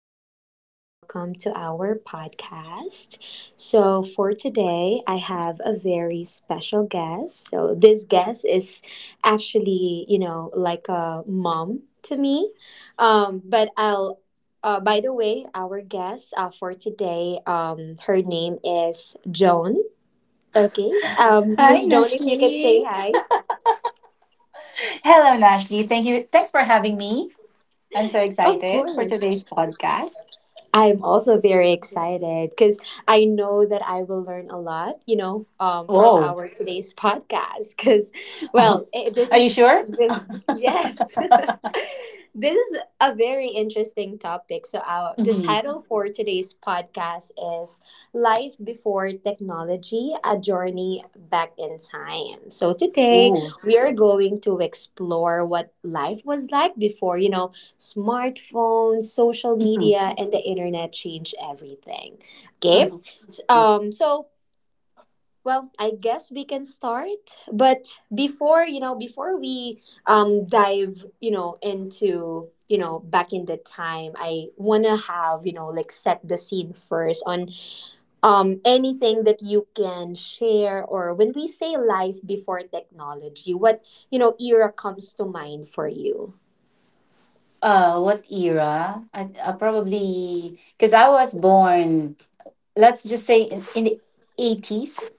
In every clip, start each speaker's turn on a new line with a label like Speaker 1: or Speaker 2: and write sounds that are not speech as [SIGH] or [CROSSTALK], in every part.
Speaker 1: everyone. Welcome to our podcast. So, for today, I have a very special guest. So, this guest is actually, you know, like a mom to me. But by the way, our guest for today, her name is Joan. Okay.
Speaker 2: Hi,
Speaker 1: Miss Joan, if you can say
Speaker 2: Nashley.
Speaker 1: hi.
Speaker 2: Hello, Nashley. Thank you. Thanks for having me. I'm so
Speaker 1: Of
Speaker 2: excited for
Speaker 1: course.
Speaker 2: today's podcast.
Speaker 1: I'm also very excited because I know that I will learn a lot, from
Speaker 2: Whoa.
Speaker 1: our today's podcast. Because, well,
Speaker 2: [LAUGHS]
Speaker 1: it, this
Speaker 2: Are you
Speaker 1: is,
Speaker 2: sure?
Speaker 1: this, yes, [LAUGHS] This is a very interesting topic. So, the
Speaker 2: Mm-hmm.
Speaker 1: title for today's podcast is Life Before Technology, A Journey Back in Time. So, today
Speaker 2: Ooh.
Speaker 1: we are going to explore what life was like before, you know, smartphones, social
Speaker 2: Mm-hmm.
Speaker 1: media, and the internet changed everything. Okay,
Speaker 2: Mm-hmm.
Speaker 1: um, so I guess we can start. But before we dive, you know, into back in the time, I wanna have you know like set the scene first on anything that you can share, or when we say life before technology, what era comes to mind for you?
Speaker 2: What era? I probably because I was born. Let's just say in the 80s.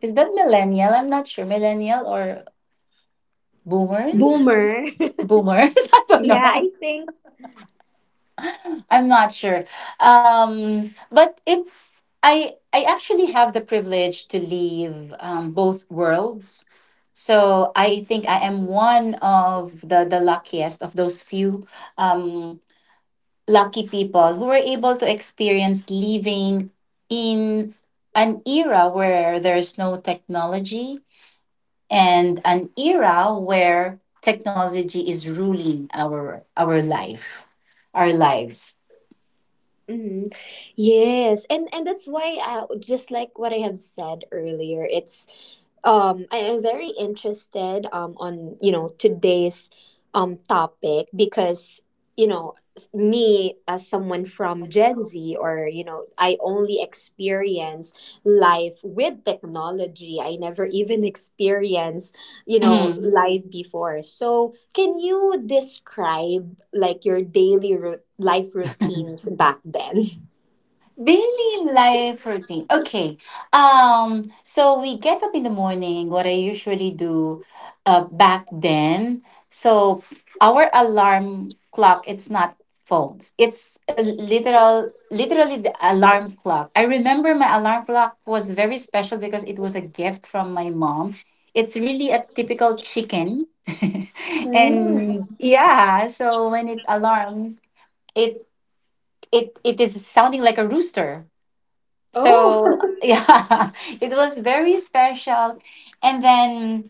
Speaker 2: Is that millennial? I'm not sure. Millennial or boomers?
Speaker 1: Boomer. [LAUGHS]
Speaker 2: Boomers. [LAUGHS] I don't
Speaker 1: Yeah,
Speaker 2: know.
Speaker 1: I think.
Speaker 2: I'm not sure. But it's I actually have the privilege to leave both worlds. So I think I am one of the luckiest of those few um, lucky people who were able to experience living in an era where there's no technology, and an era where technology is ruling our life, our lives.
Speaker 1: Mhm. Yes, and that's why, I just like what I have said earlier, it's I am very interested on you know today's topic because me, as someone from Gen Z, or you know, I only experience life with technology. I never even experience, you know,
Speaker 2: Mhm.
Speaker 1: live before. So, can you describe like your life routines back then?
Speaker 2: Daily life routine. Okay. So we get up in the morning. What I usually do back then. So our alarm clock, it's not phones. It's a literally the alarm clock. I remember my alarm clock was very special because it was a gift from my mom. It's really a typical chicken. [LAUGHS] And
Speaker 1: Mm.
Speaker 2: yeah, so when it alarms, it it it is sounding like a rooster, so
Speaker 1: Oh. [LAUGHS]
Speaker 2: yeah. [LAUGHS] It was very special. And then,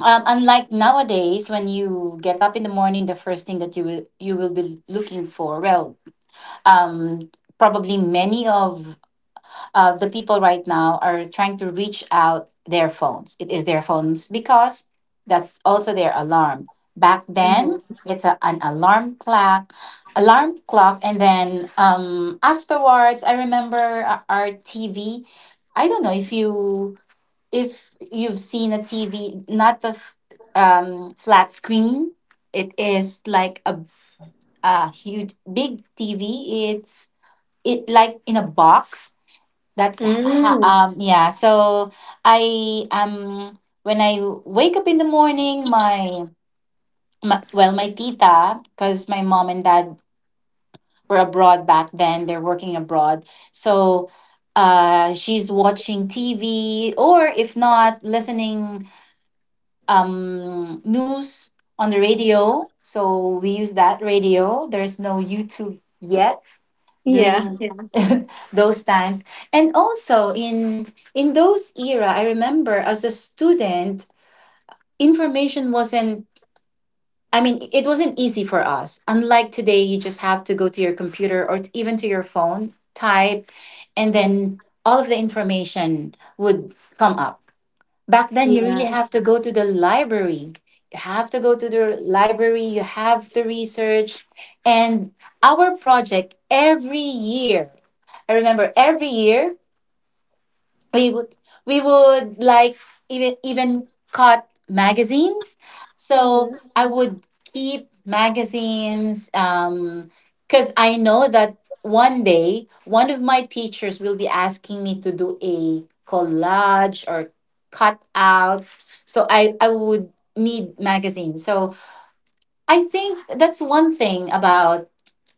Speaker 2: unlike nowadays, when you get up in the morning, the first thing that you will be looking for, well, um probably many of the people right now are trying to reach out their phones. It is their phones because that's also their alarm. Back then,
Speaker 1: Mhm.
Speaker 2: an alarm clock, and then, afterwards, I remember our TV. I don't know if you if you've seen a TV, not the flat screen. It is like a huge big TV. It's it like in a box
Speaker 1: Mm.
Speaker 2: yeah. So I when I wake up in the morning, my well my tita, because my mom and dad were abroad back then. They're working abroad, so she's watching TV, or if not, listening news on the radio. So we use that radio. There's no YouTube yet
Speaker 1: Yeah.
Speaker 2: during, yes. [LAUGHS] Those times. And also in those era, I remember as a student, information wasn't I mean it wasn't easy for us. Unlike today, you just have to go to your computer, or even to your phone, type, and then all of the information would come up. Back then, you really
Speaker 1: Yeah.
Speaker 2: have to go to the library. You have to go to the library, you have to research. And our project every year, I remember every year, we would we would like, even cut magazines. So
Speaker 1: Mhm.
Speaker 2: I would keep magazines, because I know that one day, one of my teachers will be asking me to do a collage or cutouts, so I would need magazines. So I think that's one thing about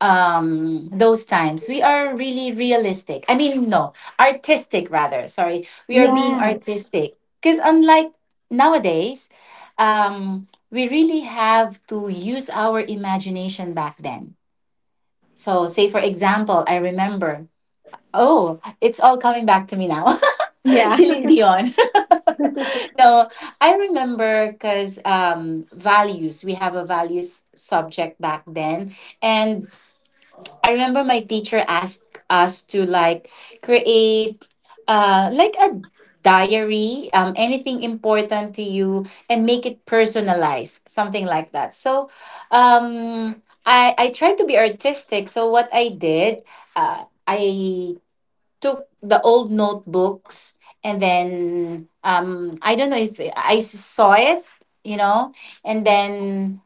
Speaker 2: those times. We are really realistic I mean no artistic, rather. Sorry, we are being
Speaker 1: Yeah.
Speaker 2: artistic, because unlike nowadays, we really have to use our imagination back then. So say for example, I remember, oh, it's all coming back to me now. [LAUGHS]
Speaker 1: Yeah.
Speaker 2: Celine Dion. [LAUGHS] No, I remember, because values, we have a values subject back then. And I remember my teacher asked us to like create like a diary, anything important to you, and make it personalized, something like that. So I tried to be artistic. So what I did, I took the old notebooks, and then, I don't know if I saw it, you know, and then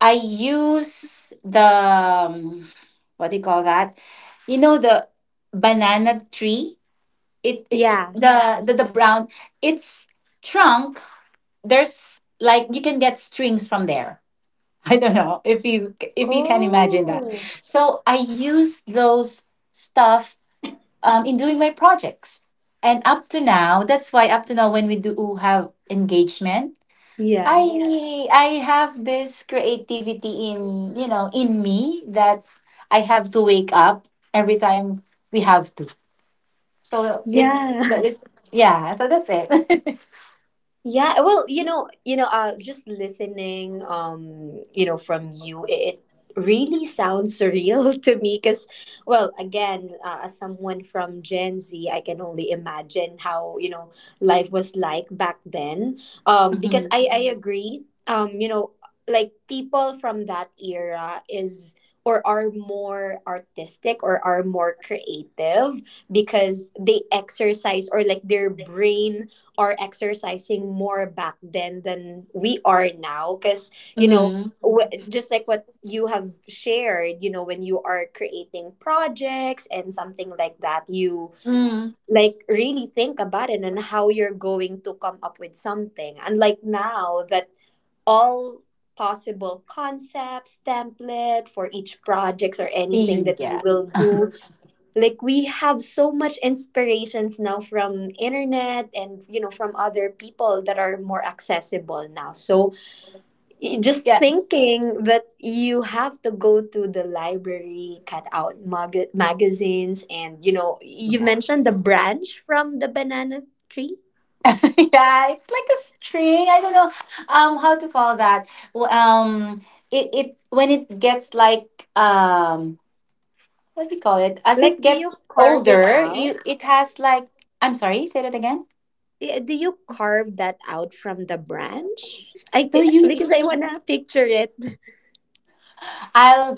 Speaker 2: I use the what do you call that? You know, the banana tree. It,
Speaker 1: [LAUGHS]
Speaker 2: it
Speaker 1: Yeah.
Speaker 2: The brown. Its trunk. There's like you can get strings from there. [LAUGHS] I don't know if you can imagine that.
Speaker 1: Oh.
Speaker 2: So I use those stuff in doing my projects. And up to now, that's why up to now, when we do have engagement,
Speaker 1: Yeah.
Speaker 2: I have this creativity in, you know, in me, that I have to wake up every time we have to. So it that
Speaker 1: Yeah.
Speaker 2: is Yeah. So that's it. [LAUGHS]
Speaker 1: Yeah, just listening, you know, from you, it really sounds surreal [LAUGHS] to me. Because, well, again, as someone from Gen Z, I can only imagine how, you know, life was like back then. Because
Speaker 2: Mm-hmm.
Speaker 1: I agree. You know, like people from that era is or are more artistic or are more creative because they exercise, or like their brain are exercising more back then than we are now. Because, you know,
Speaker 2: Mm-hmm.
Speaker 1: just like what you have shared, you know, when you are creating projects and something like that, you
Speaker 2: Mm.
Speaker 1: like really think about it and how you're going to come up with something, unlike now that all possible concepts, template for each projects or anything that we
Speaker 2: Yeah.
Speaker 1: will do, like we have so much inspirations now from internet, and you know, from other people that are more accessible now. So, just
Speaker 2: Yeah.
Speaker 1: thinking that you have to go to the library, cut out magazines, and you know, you
Speaker 2: Yeah.
Speaker 1: mentioned the branch from the banana tree,
Speaker 2: [LAUGHS] Yeah. It's like a string. I don't know how to call that. W- Um. It it when it gets like, um what do you call it? As
Speaker 1: like,
Speaker 2: it
Speaker 1: do you
Speaker 2: gets
Speaker 1: carve it
Speaker 2: older,
Speaker 1: out?
Speaker 2: you it has like, I'm sorry. Say that again.
Speaker 1: Yeah, do you carve that out from the branch I
Speaker 2: No, you.
Speaker 1: because I want to picture it.
Speaker 2: I'll.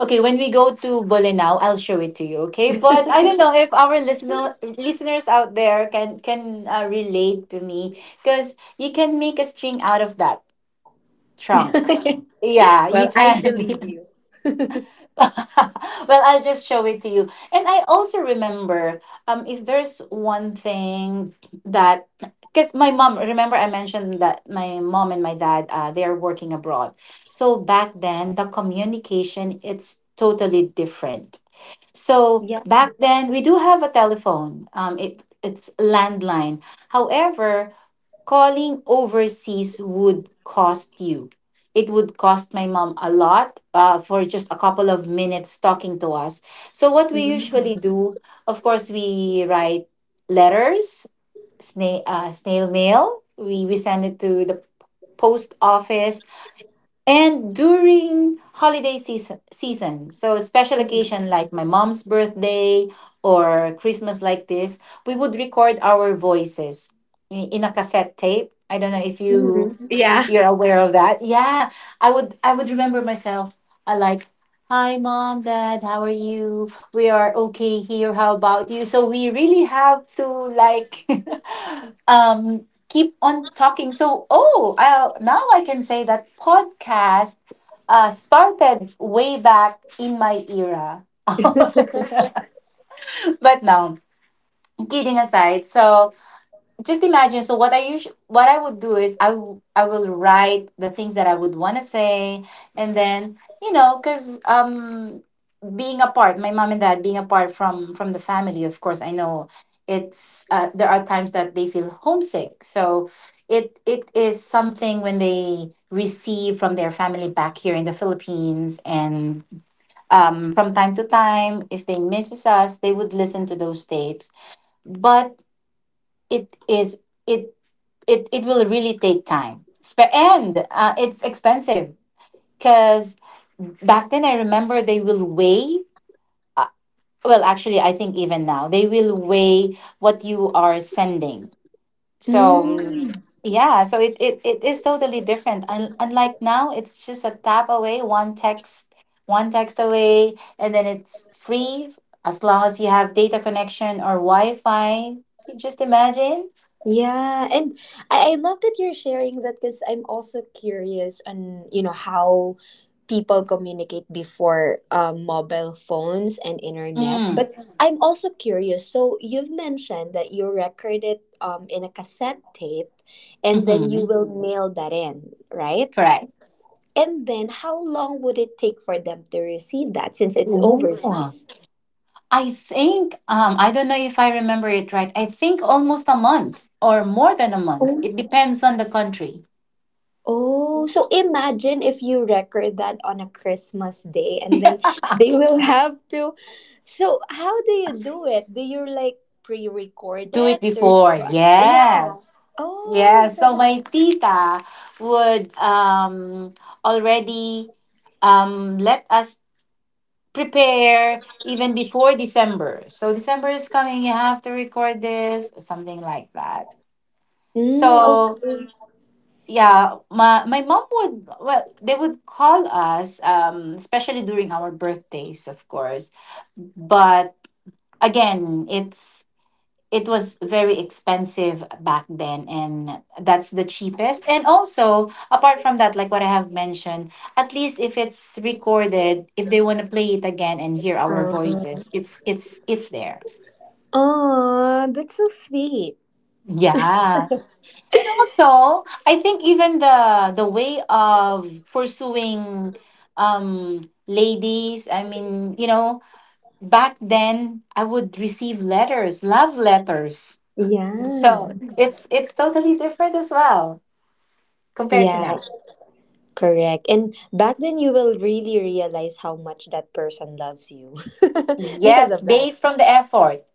Speaker 2: Okay, when we go to Bolinao, I'll show it to you. Okay, but
Speaker 1: [LAUGHS]
Speaker 2: I don't know if our listeners out there can relate to me, because you can make a string out of that trunk. Yeah, you
Speaker 1: Well, I believe
Speaker 2: can. [LAUGHS]
Speaker 1: you.
Speaker 2: [LAUGHS] Well, I'll just show it to you. And I also remember, if there's one thing that, because my mom, remember I mentioned that my mom and my dad, they are working abroad. So back then, the communication, it's totally different. So back then, we do have a telephone. It it's landline. However, calling overseas would cost you. It would cost my mom a lot for just a couple of minutes talking to us. So, what we usually do, of course, we write letters, snail mail, we send it to the post office. And during season, so special occasion
Speaker 1: Mhm.
Speaker 2: like my mom's birthday or Christmas like this, we would record our voices in a cassette tape. I don't know if
Speaker 1: Yeah.
Speaker 2: you're aware of that. Yeah. I would remember myself. I like, hi mom, dad, how are you? We are okay here. How about you? So we really have to like [LAUGHS] keep on talking. So oh, now I can say that podcast started way back in my era. [LAUGHS] But no, kidding aside. So just imagine, so what I would do is I will write the things that I would want to say, and then, you know, because being apart, my mom and dad being apart from the family, of course I know it's there are times that they feel homesick, so it is something when they receive from their family back here in the Philippines. And from time to time, if they misses us, they would listen to those tapes. But it is it it, it will really take time. And it's expensive, because back then, I remember they will weigh, uh, actually, I think even now, they will weigh what you are sending. So
Speaker 1: Mm,
Speaker 2: yeah, so it is totally different. Unlike now, it's just a tap away, one text away, and then it's free as long as you have data connection or Wi Fi. You just imagine.
Speaker 1: yeah, and I love that you're sharing that, because I'm also curious on, you know, how people communicate before, mobile phones and internet.
Speaker 2: Mm.
Speaker 1: But I'm also curious. So, you've mentioned that you record it, in a cassette tape, and then you
Speaker 2: Hmm.
Speaker 1: will mail that in, right?
Speaker 2: Correct.
Speaker 1: And then how long would it take for them to receive that, since it's
Speaker 2: Ooh.
Speaker 1: overseas?
Speaker 2: I think I don't know if I remember it right. I think almost a month or more than a month. It depends on the country.
Speaker 1: Oh, so imagine if you record that on a Christmas day and then
Speaker 2: [LAUGHS]
Speaker 1: [LAUGHS] they will have to. So, how do you do it? Do you like pre-record
Speaker 2: Do it
Speaker 1: it or
Speaker 2: before.
Speaker 1: yeah.
Speaker 2: Yes.
Speaker 1: Oh,
Speaker 2: Yes.
Speaker 1: so
Speaker 2: So my
Speaker 1: that's
Speaker 2: tita would already let us prepare even before December. So December is coming, you have to record this, something like that.
Speaker 1: mm,
Speaker 2: So
Speaker 1: okay.
Speaker 2: yeah, my mom would, well, they would call us, especially during our birthdays, of course. But again, it was very expensive back then, and that's the cheapest. And also apart from that, like what I have mentioned, at least if it's recorded, if they want to play it again and hear our voices, it's there.
Speaker 1: Oh, that's so sweet.
Speaker 2: Yeah. And also, I think even the way of pursuing um ladies, I mean, you know, back then I would receive letters, love letters.
Speaker 1: Yeah.
Speaker 2: So it's totally different as well, compared to
Speaker 1: Yeah,
Speaker 2: now.
Speaker 1: correct. And back then you will really realize how much that person loves you [LAUGHS] because
Speaker 2: Yes,
Speaker 1: of that.
Speaker 2: based from the effort.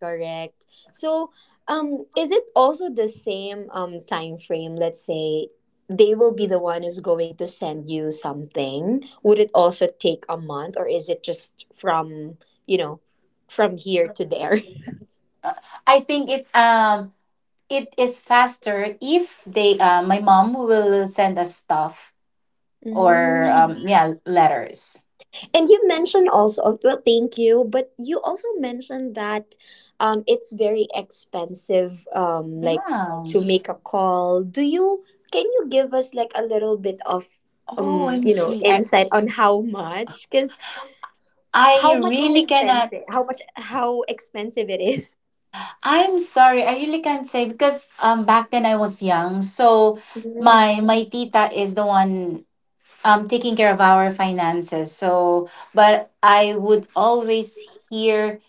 Speaker 1: Correct. So, is it also the same time frame? Let's say they will be the one who's going to send you something. Would it also take a month, or is it just from, you know, from here to there? [LAUGHS]
Speaker 2: I think it is faster if they, my mom will send us stuff or
Speaker 1: Mm.
Speaker 2: yeah, letters.
Speaker 1: And you mentioned also, well, thank you, but you also mentioned that, it's very expensive, like,
Speaker 2: Yeah.
Speaker 1: to make a call. Can you give us like a little bit of, you know,
Speaker 2: OMG.
Speaker 1: insight on how much? Because
Speaker 2: I
Speaker 1: how much is
Speaker 2: really cannot.
Speaker 1: expensive? How expensive it is?
Speaker 2: I'm sorry. I really can't say because back then I was young. So
Speaker 1: Mm.
Speaker 2: my tita is the one taking care of our finances. So but I would always hear,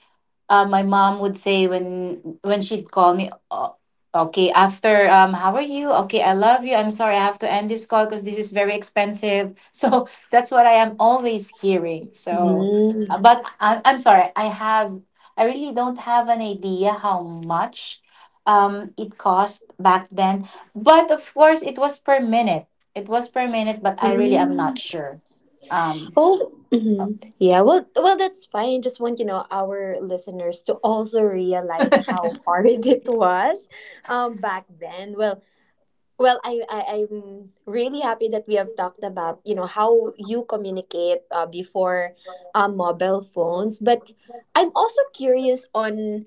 Speaker 2: my mom would say when she'd call me, oh, okay, after, how are you, okay, I love you, I'm sorry, I have to end this call because this is very expensive. [LAUGHS] So that's what I am always hearing. So
Speaker 1: Mm.
Speaker 2: I'm sorry, I really don't have an idea how much it cost back then. But of course it was per minute, but I really am not sure. um
Speaker 1: Oh, mhm. Yeah. Well, well, that's fine. Just want you know our listeners to also realize how hard [LAUGHS] it was, back then. Well, well, I'm really happy that we have talked about, you know, how you communicate, before, mobile phones. But I'm also curious on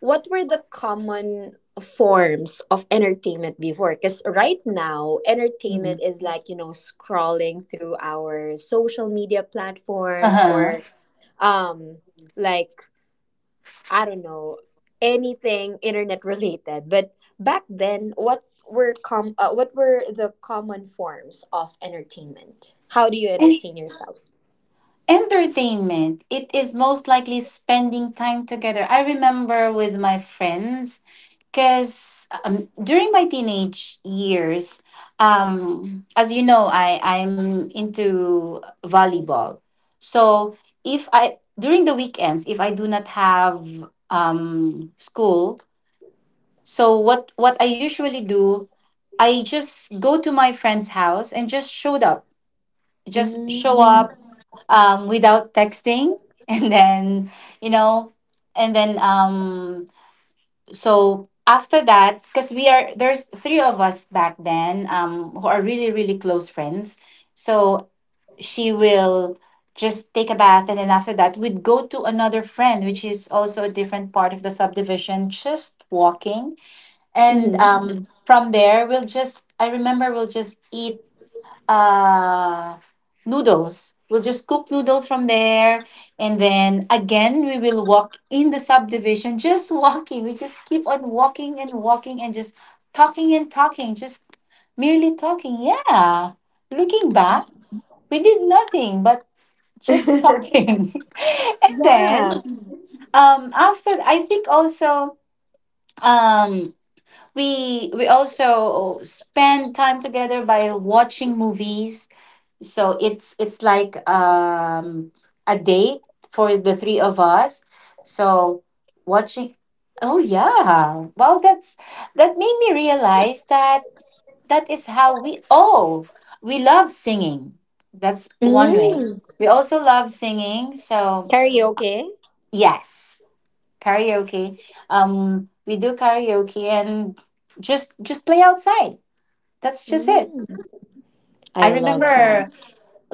Speaker 1: what were the common forms of entertainment before, because right now
Speaker 2: mhm.
Speaker 1: entertainment is like, you know, scrolling through our social media
Speaker 2: [LAUGHS]
Speaker 1: platforms,
Speaker 2: Uh-huh.
Speaker 1: or um, like, I don't know, anything internet related. But back then what were com what were the common forms of entertainment? How do you entertain yourself?
Speaker 2: Entertainment. It is most likely spending time together. I remember with my friends, because during my teenage years, as you know, I'm into volleyball. So if I, during the weekends, if I do not have school, so what I usually do, I just go to my friend's house and just showed up. Just show up
Speaker 1: Mm.
Speaker 2: without texting [LAUGHS] and then you know and then so after that because we are there's three of us back then, who are really close friends. So she will just take a bath, and then after that we'd go to another friend which is also a different part of the subdivision, just walking. And
Speaker 1: Mm-hmm.
Speaker 2: from there we'll just, I remember, we'll just eat uh, noodles. We'll just cook noodles from there. And then again, we will walk in the subdivision, [LAUGHS] just walking. We just keep on walking and walking and just talking and talking, just merely talking. Yeah. Looking back, we did nothing but just
Speaker 1: [LAUGHS]
Speaker 2: talking. [LAUGHS] and then
Speaker 1: Yeah.
Speaker 2: After, I think, also, um, we also spend time together by watching movies. So it's like a date for the three of us. So watching, oh yeah, wow, that's, that made me realize that that is how we, oh, we love singing. That's one way.
Speaker 1: Mm.
Speaker 2: We also love singing, so
Speaker 1: Karaoke.
Speaker 2: yes, karaoke. We do karaoke and just play outside. That's just it.
Speaker 1: Mm.
Speaker 2: I
Speaker 1: I love
Speaker 2: remember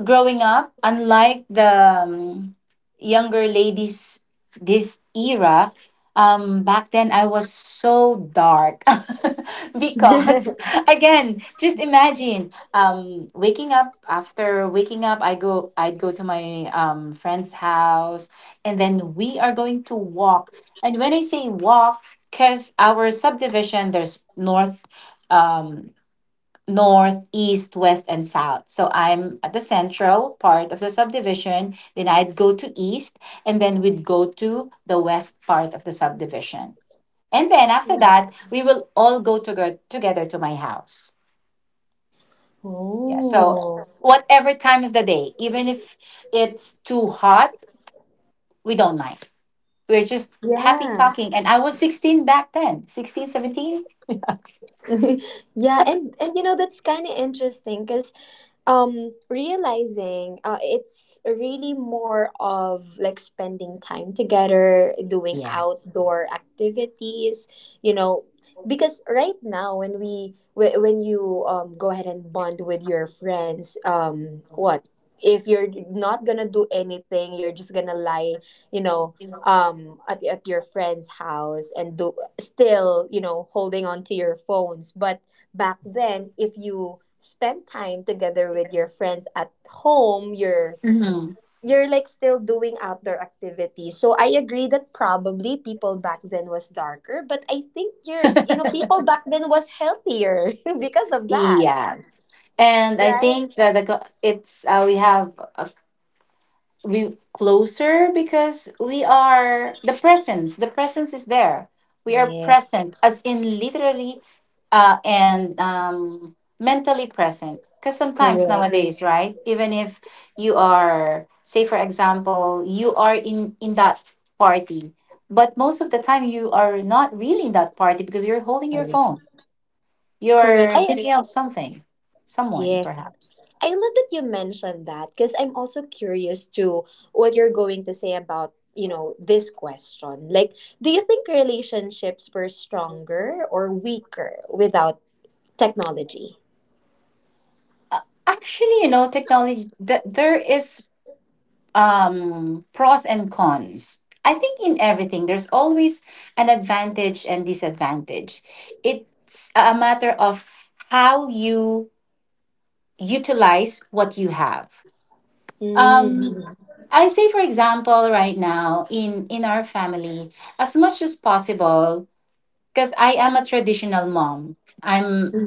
Speaker 2: growing up, unlike the, younger ladies this era, back then I was so dark [LAUGHS] because,
Speaker 1: that.
Speaker 2: again, just imagine, waking up. After waking up, I'd go to my, friend's house, and then we are going to walk. And when I say walk, because our subdivision, there's north. Um, North, east, west, and south. So I'm at the central part of the subdivision. Then I'd go to east, and then we'd go to the west part of the subdivision. And then after that, we will all go together to my house.
Speaker 1: [LAUGHS]
Speaker 2: Yeah. So
Speaker 1: Oh,
Speaker 2: whatever time of the day, even if it's too hot, we don't mind. We're just happy
Speaker 1: yeah.
Speaker 2: talking. And I was 16 back then, 16, 17.
Speaker 1: [LAUGHS] Yeah, and you know, that's kind of interesting, cuz um, realizing, it's really more of like spending time together, doing
Speaker 2: Yeah.
Speaker 1: outdoor activities, you know. Because right now when we when you go ahead and bond with your friends, um, what, if you're not gonna do anything, you're just gonna lie, you know, um, at your friend's house and do, still, you know, holding on to your phones. But back then if you spend time together with your friends at home,
Speaker 2: Mhm.
Speaker 1: you're like still doing outdoor activities. So, I agree that probably people back then was darker, but I think you're, you know,
Speaker 2: [LAUGHS]
Speaker 1: people back then was healthier [LAUGHS] because of that.
Speaker 2: Yeah. And I
Speaker 1: Right.
Speaker 2: think that it's, we have a, we closer because we are the presence. The presence is there. We are
Speaker 1: Yes.
Speaker 2: present, as in literally, and mentally present. Because sometimes
Speaker 1: Correct.
Speaker 2: nowadays, right? Even if you are, say, for example, you are in that party, but most of the time you are not really in that party because you're holding your
Speaker 1: Correct.
Speaker 2: phone.
Speaker 1: correct
Speaker 2: You're
Speaker 1: i
Speaker 2: thinking of something, someone,
Speaker 1: Yes,
Speaker 2: perhaps.
Speaker 1: I love that you mentioned that, because I'm also curious to what you're going to say about, you know, this question. Like, do you think relationships were stronger or weaker without technology?
Speaker 2: Uh, Actually, you know, technology, that there is pros and cons. I think in everything there's always an advantage and disadvantage. It's a matter of how you utilize what you have. Um
Speaker 1: Mm.
Speaker 2: I say, for example, right now in our family, as much as possible, because I am a traditional mom. I'm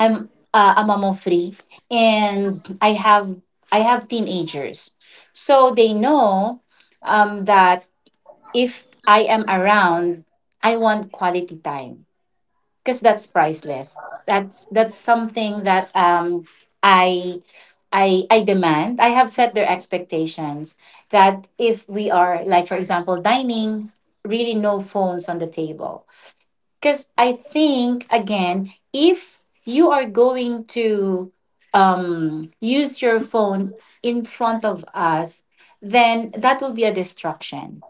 Speaker 2: I'm a mom of three, and I have teenagers, so they know that if I am around, I want quality time, because that's priceless. That's something that, I, I demand. I have set their expectations that if we are, like, for example, dining, really no phones on the table. Because I think, again, if you are going to use your phone in front of us, then that will be a distraction.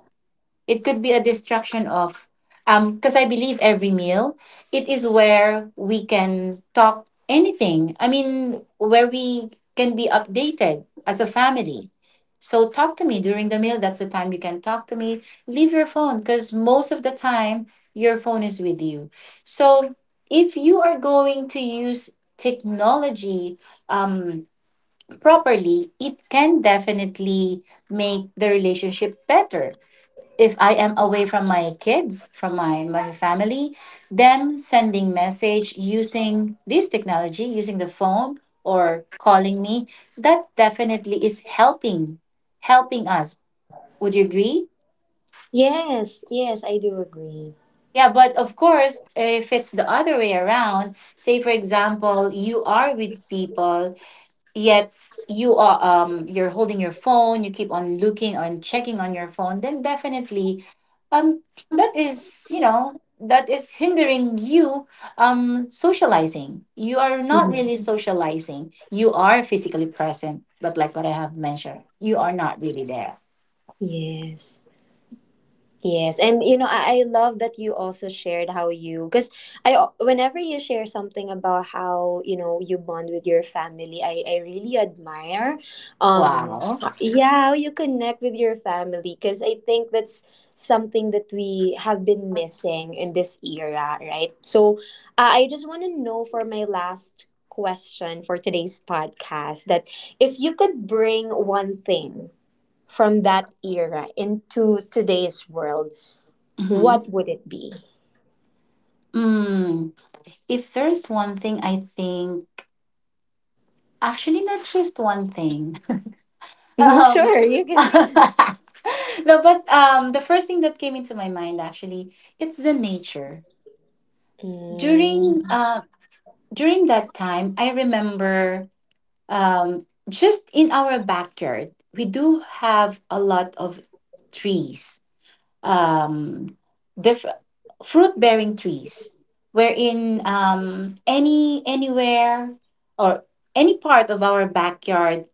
Speaker 2: It could be a distraction of, because I believe every meal, it is where we can talk anything. I mean, where we can be updated as a family. So talk to me during the meal. That's the time you can talk to me. Leave your phone, because most of the time your phone is with you. So if you are going to use technology um, properly, it can definitely make the relationship better. If I am away from my kids, from my family, them sending message using this technology, using the phone, or calling me, that definitely is helping, helping us. Would you agree?
Speaker 1: Yes, yes, I do agree.
Speaker 2: Yeah, but of course, if it's the other way around, say, for example, you are with people, yet you are, you're holding your phone, you keep on looking on, checking on your phone, then definitely, um that is, you know, that is hindering you socializing. You are not
Speaker 1: Mhm.
Speaker 2: really socializing. You are physically present, but like what I have mentioned, you are not really there.
Speaker 1: Yes. Yes, and you know, I love that you also shared how you, because whenever you share something about how you know you bond with your family, I really admire, um,
Speaker 2: Wow.
Speaker 1: yeah, how you connect with your family, because I think that's something that we have been missing in this era, right? So, I just want to know for my last question for today's podcast, that if you could bring one thing from that era into today's world,
Speaker 2: Mm-hmm.
Speaker 1: what would it be?
Speaker 2: Mm. If there's one thing, I think, actually, not just one thing.
Speaker 1: [LAUGHS]
Speaker 2: Um,
Speaker 1: Sure, you can.
Speaker 2: [LAUGHS] no, but the first thing that came into my mind, actually, it's the nature.
Speaker 1: Mm,
Speaker 2: During during that time, I remember, just in our backyard, we do have a lot of trees, um, diff- fruit bearing trees, wherein, anywhere or any part of our backyard,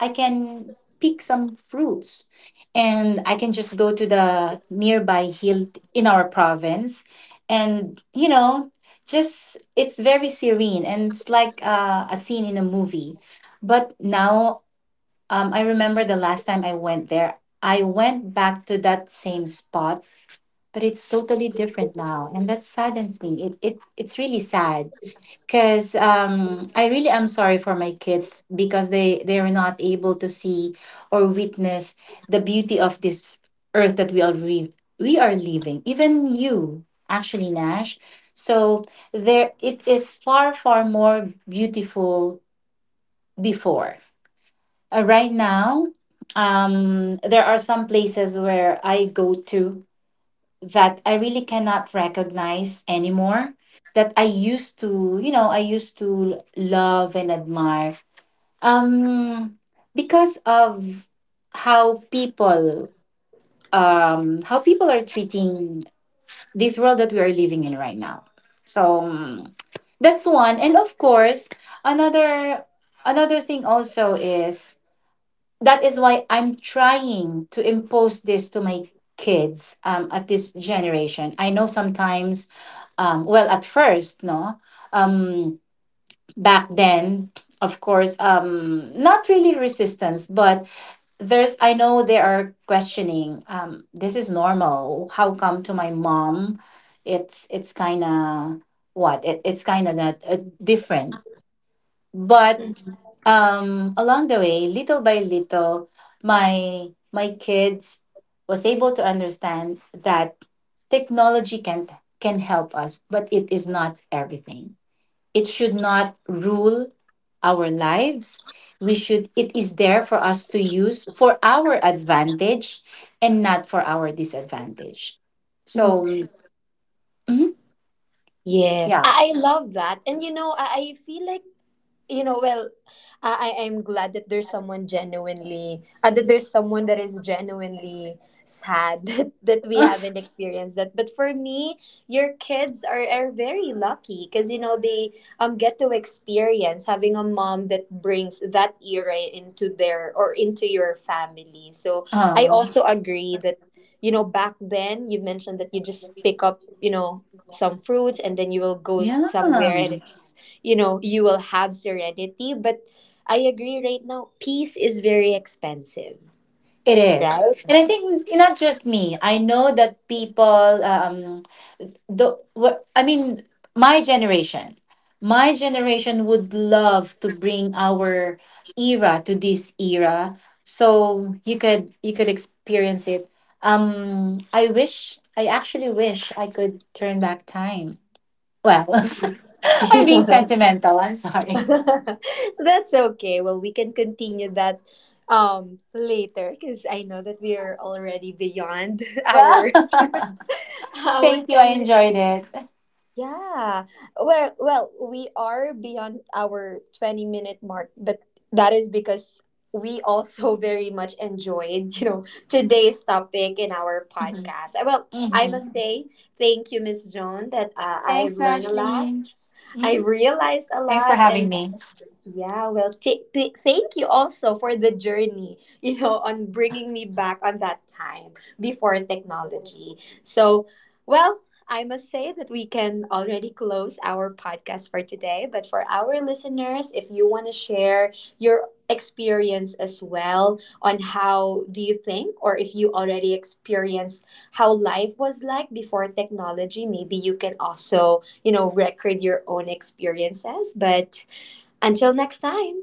Speaker 2: I can pick some fruits. And I can just go to the nearby hill in our province, and you know, just, it's very serene, and it's like, a scene in a movie. But now, I remember the last time I went there, I went back to that same spot, but it's totally different now, and that saddens me. It's really sad because, I really am sorry for my kids, because they are not able to see or witness the beauty of this earth that we are living. Even you, actually, Nash. So there, it is far more beautiful before. Right now, there are some places where I go to that I really cannot recognize anymore, that I used to, you know, I used to love and admire. Um because of how people, how people are treating this world that we are living in right now. So, mm, that's one. And of course, another another thing also is, that is why I'm trying to impose this to my kids, at this generation. I know sometimes, well, at first, no, um, back then, of course, not really resistance, but there's, I know they are questioning, this is normal. How come to my mom, it's kind of what? It's kind of that, different. But along the way, little by little, my my kids was able to understand that technology can help us, but it is not everything. It should not rule our lives. We should, it is there for us to use for our advantage, and not for our disadvantage.
Speaker 1: mm.
Speaker 2: So mhm,
Speaker 1: Yes,
Speaker 2: yeah.
Speaker 1: I love that. And you know, I feel like, you know, well, am glad that there's someone genuinely, that there's someone that is genuinely sad [LAUGHS] that, that we
Speaker 2: [LAUGHS]
Speaker 1: haven't experienced that. But for me, your kids are very lucky, because you know they, um, get to experience having a mom that brings that era into their, or into your family. So, I
Speaker 2: Uh,
Speaker 1: also agree that, you know, back then you mentioned that you just pick up, you know, some fruits and then you will go
Speaker 2: yeah.
Speaker 1: somewhere, and it's, you know, you will have serenity. But I agree, right now peace is very expensive.
Speaker 2: It is.
Speaker 1: Right.
Speaker 2: And I think it's not just me. I know that people, the what I mean, my generation. My generation would love to bring our era to this era, so you could, you could experience it. I wish, I actually wish I could turn back time. Well,
Speaker 1: [LAUGHS]
Speaker 2: [LAUGHS] I'm being
Speaker 1: Yeah.
Speaker 2: sentimental. I'm sorry. [LAUGHS]
Speaker 1: [LAUGHS] That's okay, well, we can continue that later, because I know that we are already beyond [LAUGHS]
Speaker 2: Yeah.
Speaker 1: our
Speaker 2: [LAUGHS]
Speaker 1: [LAUGHS] our
Speaker 2: Thank you. I
Speaker 1: 10.
Speaker 2: enjoyed it.
Speaker 1: Yeah. Well, well, we are beyond our 20-minute mark, but that is because we also [LAUGHS] very much enjoyed, you know, today's topic in our
Speaker 2: Mhm.
Speaker 1: podcast. Well, I
Speaker 2: Mhm.
Speaker 1: must say thank you, Miss Joan, that
Speaker 2: Thanks,
Speaker 1: I've learned a
Speaker 2: Ashley.
Speaker 1: lot. I
Speaker 2: Mhm.
Speaker 1: realized a
Speaker 2: Thanks for
Speaker 1: lot
Speaker 2: having
Speaker 1: and
Speaker 2: me.
Speaker 1: yeah, well, thank you also for the journey, you know, on bringing me back on that time before technology. So, well, I must say that we can already close our podcast for today. But for our listeners, if you want to share your experience as well on how do you think, or if you already experienced how life was like before technology, maybe you can also, you know, record your own experiences. But until next time.